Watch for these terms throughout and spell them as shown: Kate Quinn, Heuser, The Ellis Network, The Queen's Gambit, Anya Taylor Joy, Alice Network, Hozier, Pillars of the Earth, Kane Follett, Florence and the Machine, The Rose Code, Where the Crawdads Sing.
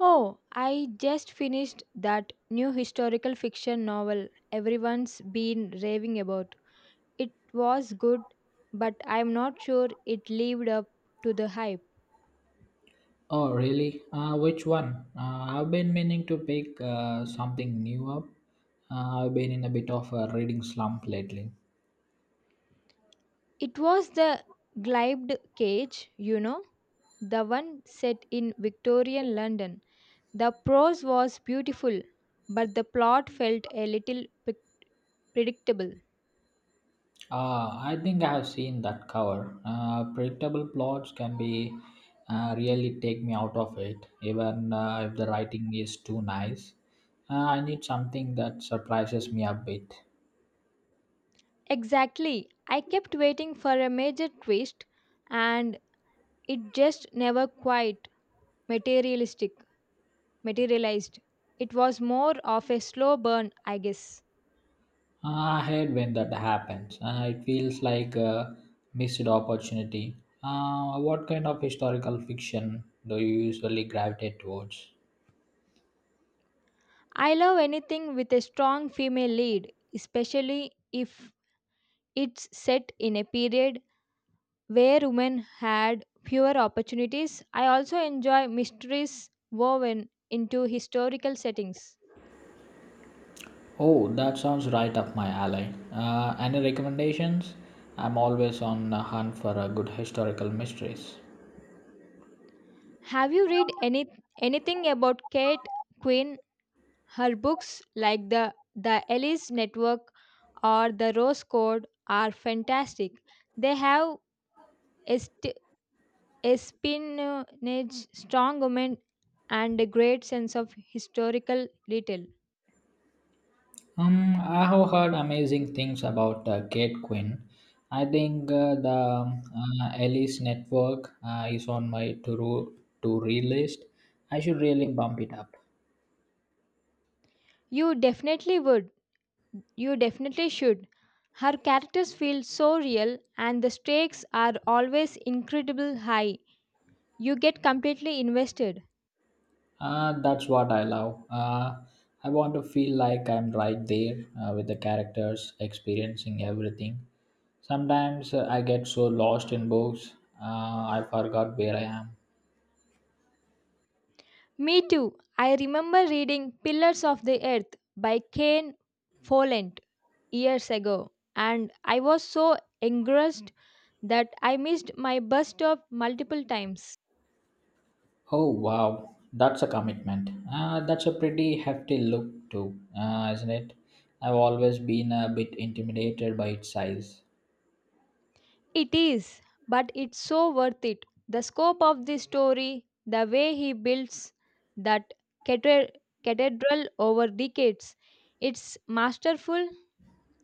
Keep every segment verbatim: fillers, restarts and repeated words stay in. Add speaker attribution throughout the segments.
Speaker 1: Oh, I just finished that new historical fiction novel everyone's been raving about. It was good, but I'm not sure it lived up to the hype.
Speaker 2: Oh, really? Uh, which one? Uh, I've been meaning to pick uh, something new up. Uh, I've been in a bit of a reading slump lately.
Speaker 1: It was The Glibed Cage, you know, the one set in Victorian London. The prose was beautiful, but the plot felt a little pre- predictable.
Speaker 2: Uh, I think I have seen that cover. Uh, predictable plots can be uh, really take me out of it, even uh, if the writing is too nice. Uh, I need something that surprises me a bit.
Speaker 1: Exactly. I kept waiting for a major twist, and it just never quite materialistic, materialized. It was more of a slow burn, I guess.
Speaker 2: I hate when that happens. Uh, it feels like a missed opportunity. Uh, what kind of historical fiction do you usually gravitate towards?
Speaker 1: I love anything with a strong female lead, especially if it's set in a period where women had fewer opportunities. I also enjoy mysteries woven into historical settings.
Speaker 2: Oh, that sounds right up my alley. Uh, any recommendations? I'm always on the hunt for a good historical mysteries.
Speaker 1: Have you read any anything about Kate Quinn? Her books like the The Ellis Network or The Rose Code are fantastic. They have Est- espionage, strong women, and a great sense of historical detail.
Speaker 2: Um, I have heard amazing things about uh, Kate Quinn. I think uh, the um, uh, Alice Network uh, is on my to-do to-read list. I should really bump it up.
Speaker 1: You definitely would. You definitely should. Her characters feel so real, and the stakes are always incredibly high. You get completely invested.
Speaker 2: Uh, that's what I love. Uh, I want to feel like I'm right there uh, with the characters, experiencing everything. Sometimes uh, I get so lost in books, uh, I forgot where I am.
Speaker 1: Me too. I remember reading Pillars of the Earth by Kane Follett years ago, and I was so engrossed that I missed my bus stop multiple times.
Speaker 2: Oh wow, that's a commitment. Uh, that's a pretty hefty look too, uh, isn't it? I've always been a bit intimidated by its size.
Speaker 1: It is, but it's so worth it. The scope of the story, the way he builds that cathed- cathedral over decades, it's masterful.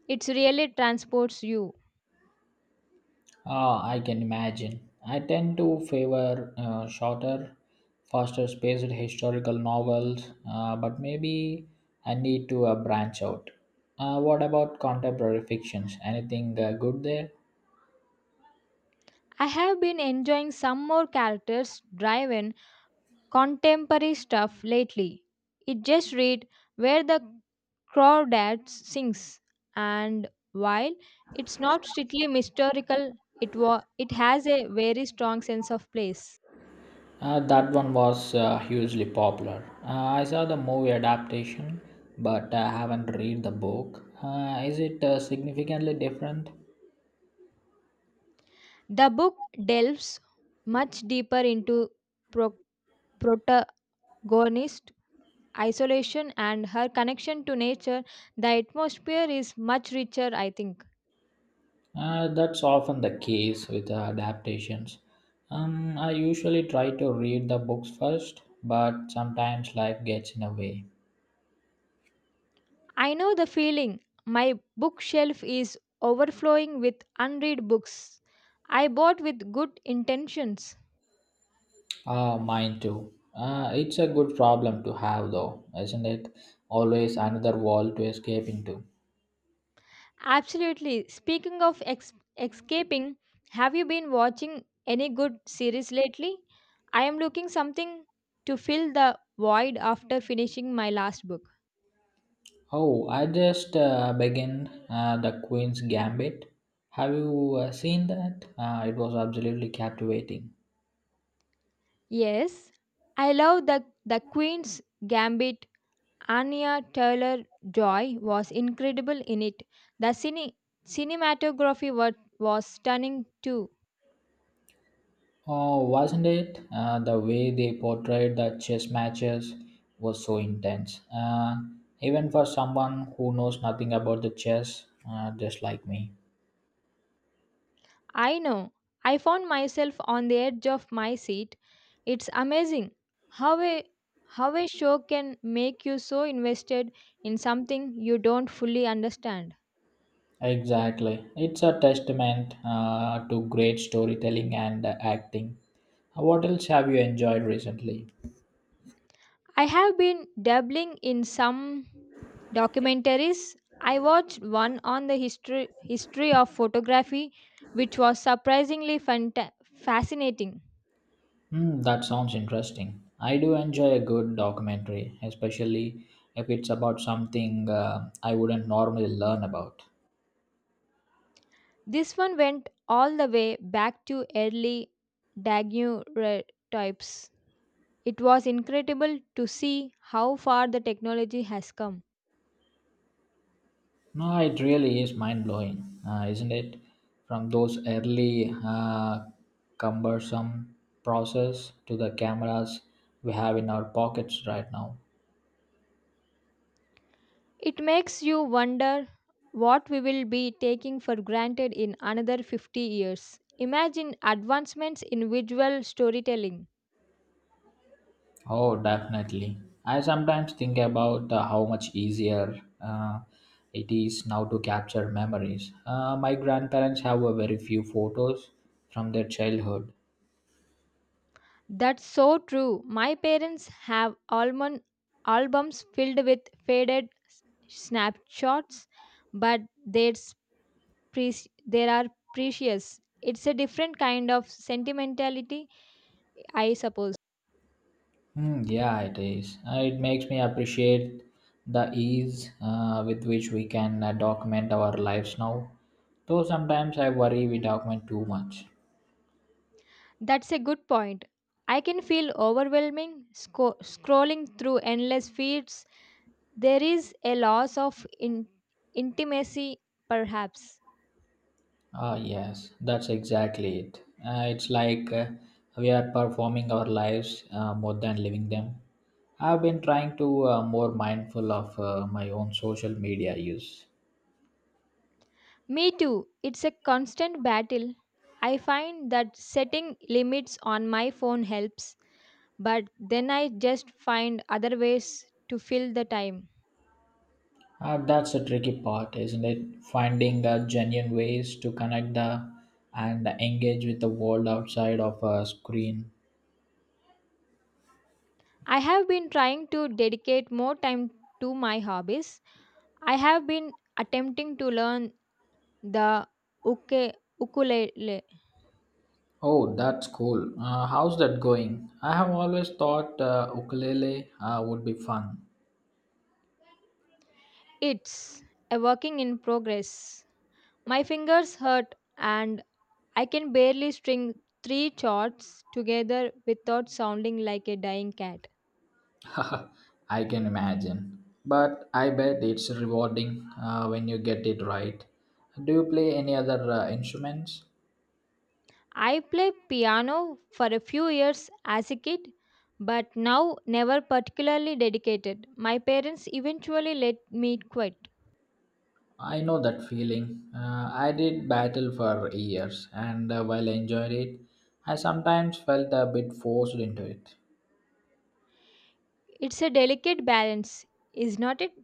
Speaker 1: It really transports you.
Speaker 2: Ah, I can imagine. I tend to favor uh, shorter, faster paced historical novels, uh, but maybe I need to uh, branch out. Uh, what about contemporary fictions? Anything uh, good there?
Speaker 1: I have been enjoying some more characters driven contemporary stuff lately. It just read where the crawdads sings and while it's not strictly historical it wa- it has a very strong sense of place.
Speaker 2: Uh, that one was uh, hugely popular. Uh, I saw the movie adaptation, but I haven't read the book. Uh, is it uh, significantly different?
Speaker 1: The book delves much deeper into pro- protagonist isolation and her connection to nature. The atmosphere is much richer, I think.
Speaker 2: Uh, that's often the case with uh, adaptations. Um, I usually try to read the books first, but sometimes life gets in the way.
Speaker 1: I know the feeling. My bookshelf is overflowing with unread books I bought with good intentions.
Speaker 2: Ah, mine too. Uh, it's a good problem to have, though, isn't it? Always another wall to escape into.
Speaker 1: Absolutely. Speaking of ex- escaping, have you been watching any good series lately? I am looking something to fill the void after finishing my last book.
Speaker 2: Oh, I just uh, began uh, The Queen's Gambit. Have you uh, seen that? Uh, it was absolutely captivating.
Speaker 1: Yes, I love the the Queen's Gambit. Anya Taylor Joy was incredible in it. The cine- cinematography was was stunning too.
Speaker 2: Oh, wasn't it? Uh, the way they portrayed the chess matches was so intense. Uh, even for someone who knows nothing about the chess, uh, just like me.
Speaker 1: I know. I found myself on the edge of my seat. It's amazing how a how a show can make you so invested in something you don't fully understand.
Speaker 2: Exactly. It's a testament uh, to great storytelling and uh, acting. Uh, What else have you enjoyed recently?
Speaker 1: I have been dabbling in some documentaries. I watched one on the history history of photography which was surprisingly fanta- fascinating.
Speaker 2: Hmm, that sounds interesting. I do enjoy a good documentary, especially if it's about something uh, I wouldn't normally learn about.
Speaker 1: This one went all the way back to early daguerreotypes. It was incredible to see how far the technology has come.
Speaker 2: No, it really is mind blowing, uh, isn't it? From those early uh, cumbersome process to the cameras we have in our pockets right now.
Speaker 1: It makes you wonder what we will be taking for granted in another fifty years. Imagine advancements in visual storytelling.
Speaker 2: Oh, definitely. I sometimes think about uh, how much easier uh, it is now to capture memories. Uh, my grandparents have a very few photos from their childhood.
Speaker 1: That's so true. My parents have almond albums filled with faded s- snapshots, but they're preci- they are precious. It's a different kind of sentimentality, I suppose.
Speaker 2: Hmm, yeah, it is. Uh, it makes me appreciate the ease uh, with which we can uh, document our lives now. Though sometimes I worry we document too much.
Speaker 1: That's a good point. I can feel overwhelming sco- scrolling through endless feeds. There is a loss of in- intimacy, perhaps.
Speaker 2: Ah, yes, that's exactly it. Uh, it's like uh, we are performing our lives uh, more than living them. I've been trying to uh, more mindful of uh, my own social media use.
Speaker 1: Me too. It's a constant battle. I find that setting limits on my phone helps, but then I just find other ways to fill the time.
Speaker 2: Uh, that's the tricky part, isn't it? Finding the genuine ways to connect the and engage with the world outside of a screen.
Speaker 1: I have been trying to dedicate more time to my hobbies. I have been attempting to learn The uke- ukulele.
Speaker 2: Oh, that's cool. Uh, how's that going? I have always thought uh, ukulele uh, would be fun.
Speaker 1: It's a working in progress. My fingers hurt and I can barely string three chords together without sounding like a dying cat.
Speaker 2: I can imagine. But I bet it's rewarding uh, when you get it right. Do you play any other uh, instruments?
Speaker 1: I played piano for a few years as a kid, but now never particularly dedicated. My parents eventually let me quit.
Speaker 2: I know that feeling. Uh, I did battle for years, and uh, while I enjoyed it, I sometimes felt a bit forced into it.
Speaker 1: It's a delicate balance, is not it?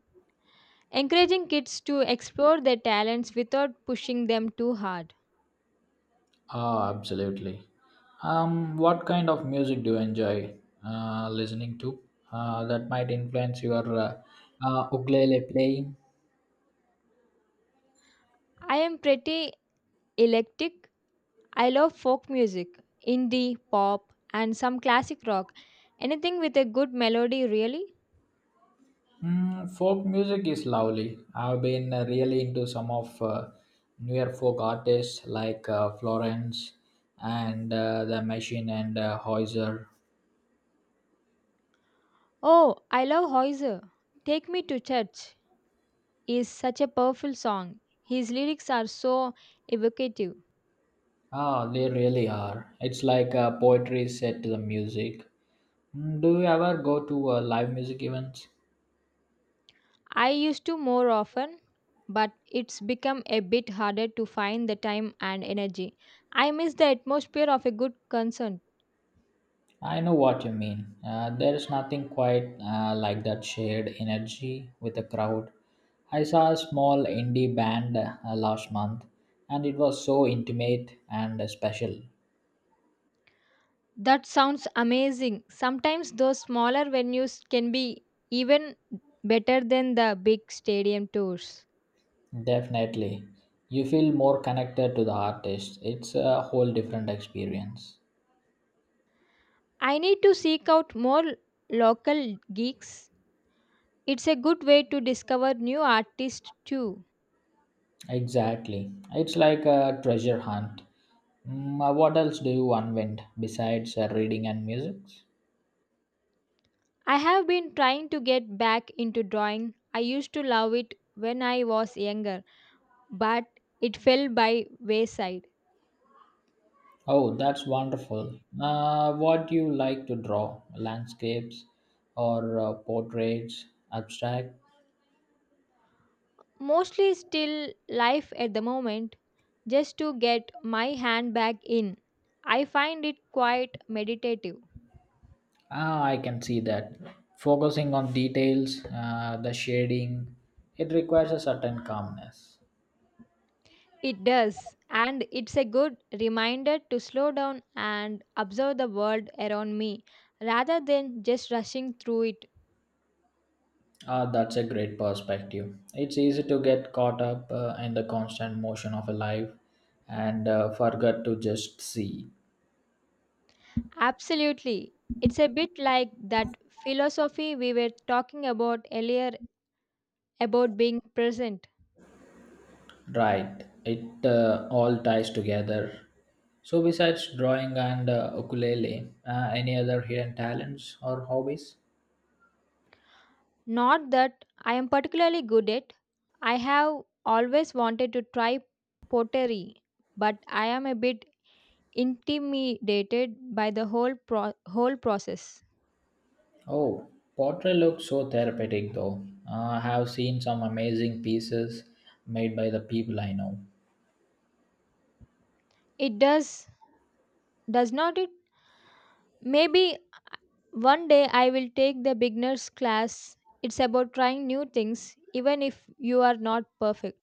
Speaker 1: Encouraging kids to explore their talents without pushing them too hard.
Speaker 2: Oh, absolutely. Um, what kind of music do you enjoy uh, listening to uh, that might influence your uh, uh, ukulele playing?
Speaker 1: I am pretty eclectic. I love folk music, indie, pop, and some classic rock. Anything with a good melody, really.
Speaker 2: Mm, folk music is lovely. I've been uh, really into some of uh, newer folk artists like uh, Florence and uh, the Machine and uh, Heuser.
Speaker 1: Oh, I love Heuser. Take Me to Church is such a powerful song. His lyrics are so evocative.
Speaker 2: Ah, they really are. It's like a poetry set to the music. Mm, do you ever go to uh, live music events?
Speaker 1: I used to more often, but it's become a bit harder to find the time and energy. I miss the atmosphere of a good concert.
Speaker 2: I know what you mean. Uh, there's nothing quite uh, like that shared energy with the crowd. I saw a small indie band uh, last month, and it was so intimate and special.
Speaker 1: That sounds amazing. Sometimes those smaller venues can be even better than the big stadium tours.
Speaker 2: Definitely. You feel more connected to the artist. It's a whole different experience.
Speaker 1: I need to seek out more local gigs. It's a good way to discover new artists too.
Speaker 2: Exactly. It's like a treasure hunt. Mm, uh, what else do you unwind besides uh, reading and music?
Speaker 1: I have been trying to get back into drawing. I used to love it when I was younger, but it fell by wayside.
Speaker 2: Oh, that's wonderful. Uh, what do you like to draw? Landscapes or uh, portraits, abstract?
Speaker 1: Mostly still life at the moment, just to get my hand back in. I find it quite meditative.
Speaker 2: Ah, I can see that. Focusing on details, uh, the shading, it requires a certain calmness.
Speaker 1: It does, and it's a good reminder to slow down and observe the world around me rather than just rushing through it.
Speaker 2: Ah, that's a great perspective. It's easy to get caught up uh, in the constant motion of a life and uh, forget to just see.
Speaker 1: Absolutely. It's a bit like that philosophy we were talking about earlier about being present.
Speaker 2: Right, it uh, all ties together. So, besides drawing and uh, ukulele, uh, any other hidden talents or hobbies?
Speaker 1: Not that I am particularly good at. I have always wanted to try pottery, but I am a bit intimidated by the whole pro- whole process.
Speaker 2: Oh, pottery looks so therapeutic though. Uh, I have seen some amazing pieces made by the people I know.
Speaker 1: It does does not it? Maybe one day I will take the beginners class. It's about trying new things even if you are not perfect.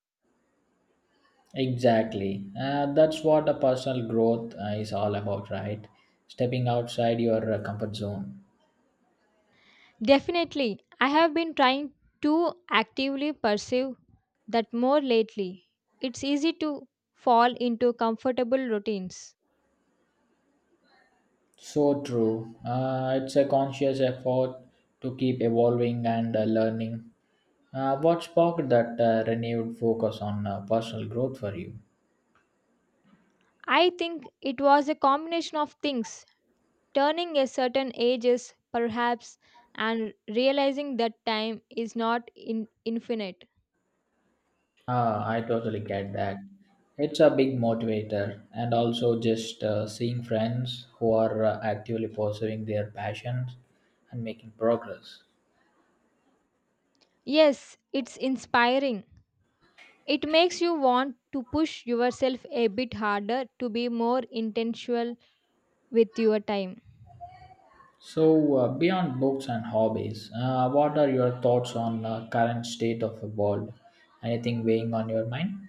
Speaker 2: Exactly. Uh, that's what a personal growth uh, is all about, right? Stepping outside your uh, comfort zone.
Speaker 1: Definitely. I have been trying to actively pursue that more lately. It's easy to fall into comfortable routines.
Speaker 2: So true. Uh, it's a conscious effort to keep evolving and uh, learning. Uh, what sparked that uh, renewed focus on uh, personal growth for you?
Speaker 1: I think it was a combination of things, turning a certain ages perhaps and realizing that time is not in infinite.
Speaker 2: Ah, I totally get that. It's a big motivator, and also just uh, seeing friends who are uh, actively pursuing their passions and making progress.
Speaker 1: Yes, it's inspiring. It makes you want to push yourself a bit harder to be more intentional with your time.
Speaker 2: So, uh, beyond books and hobbies, uh, what are your thoughts on uh, current state of the world? Anything weighing on your mind?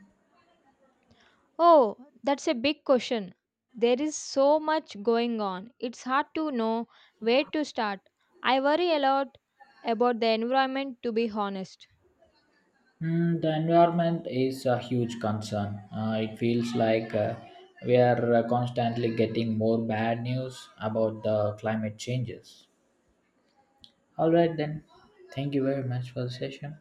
Speaker 1: Oh, that's a big question. There is so much going on. It's hard to know where to start. I worry a lot about the environment, to be honest.
Speaker 2: Mm, the environment is a huge concern. Uh, it feels like uh, we are uh, constantly getting more bad news about the climate changes. All right, then. Thank you very much for the session.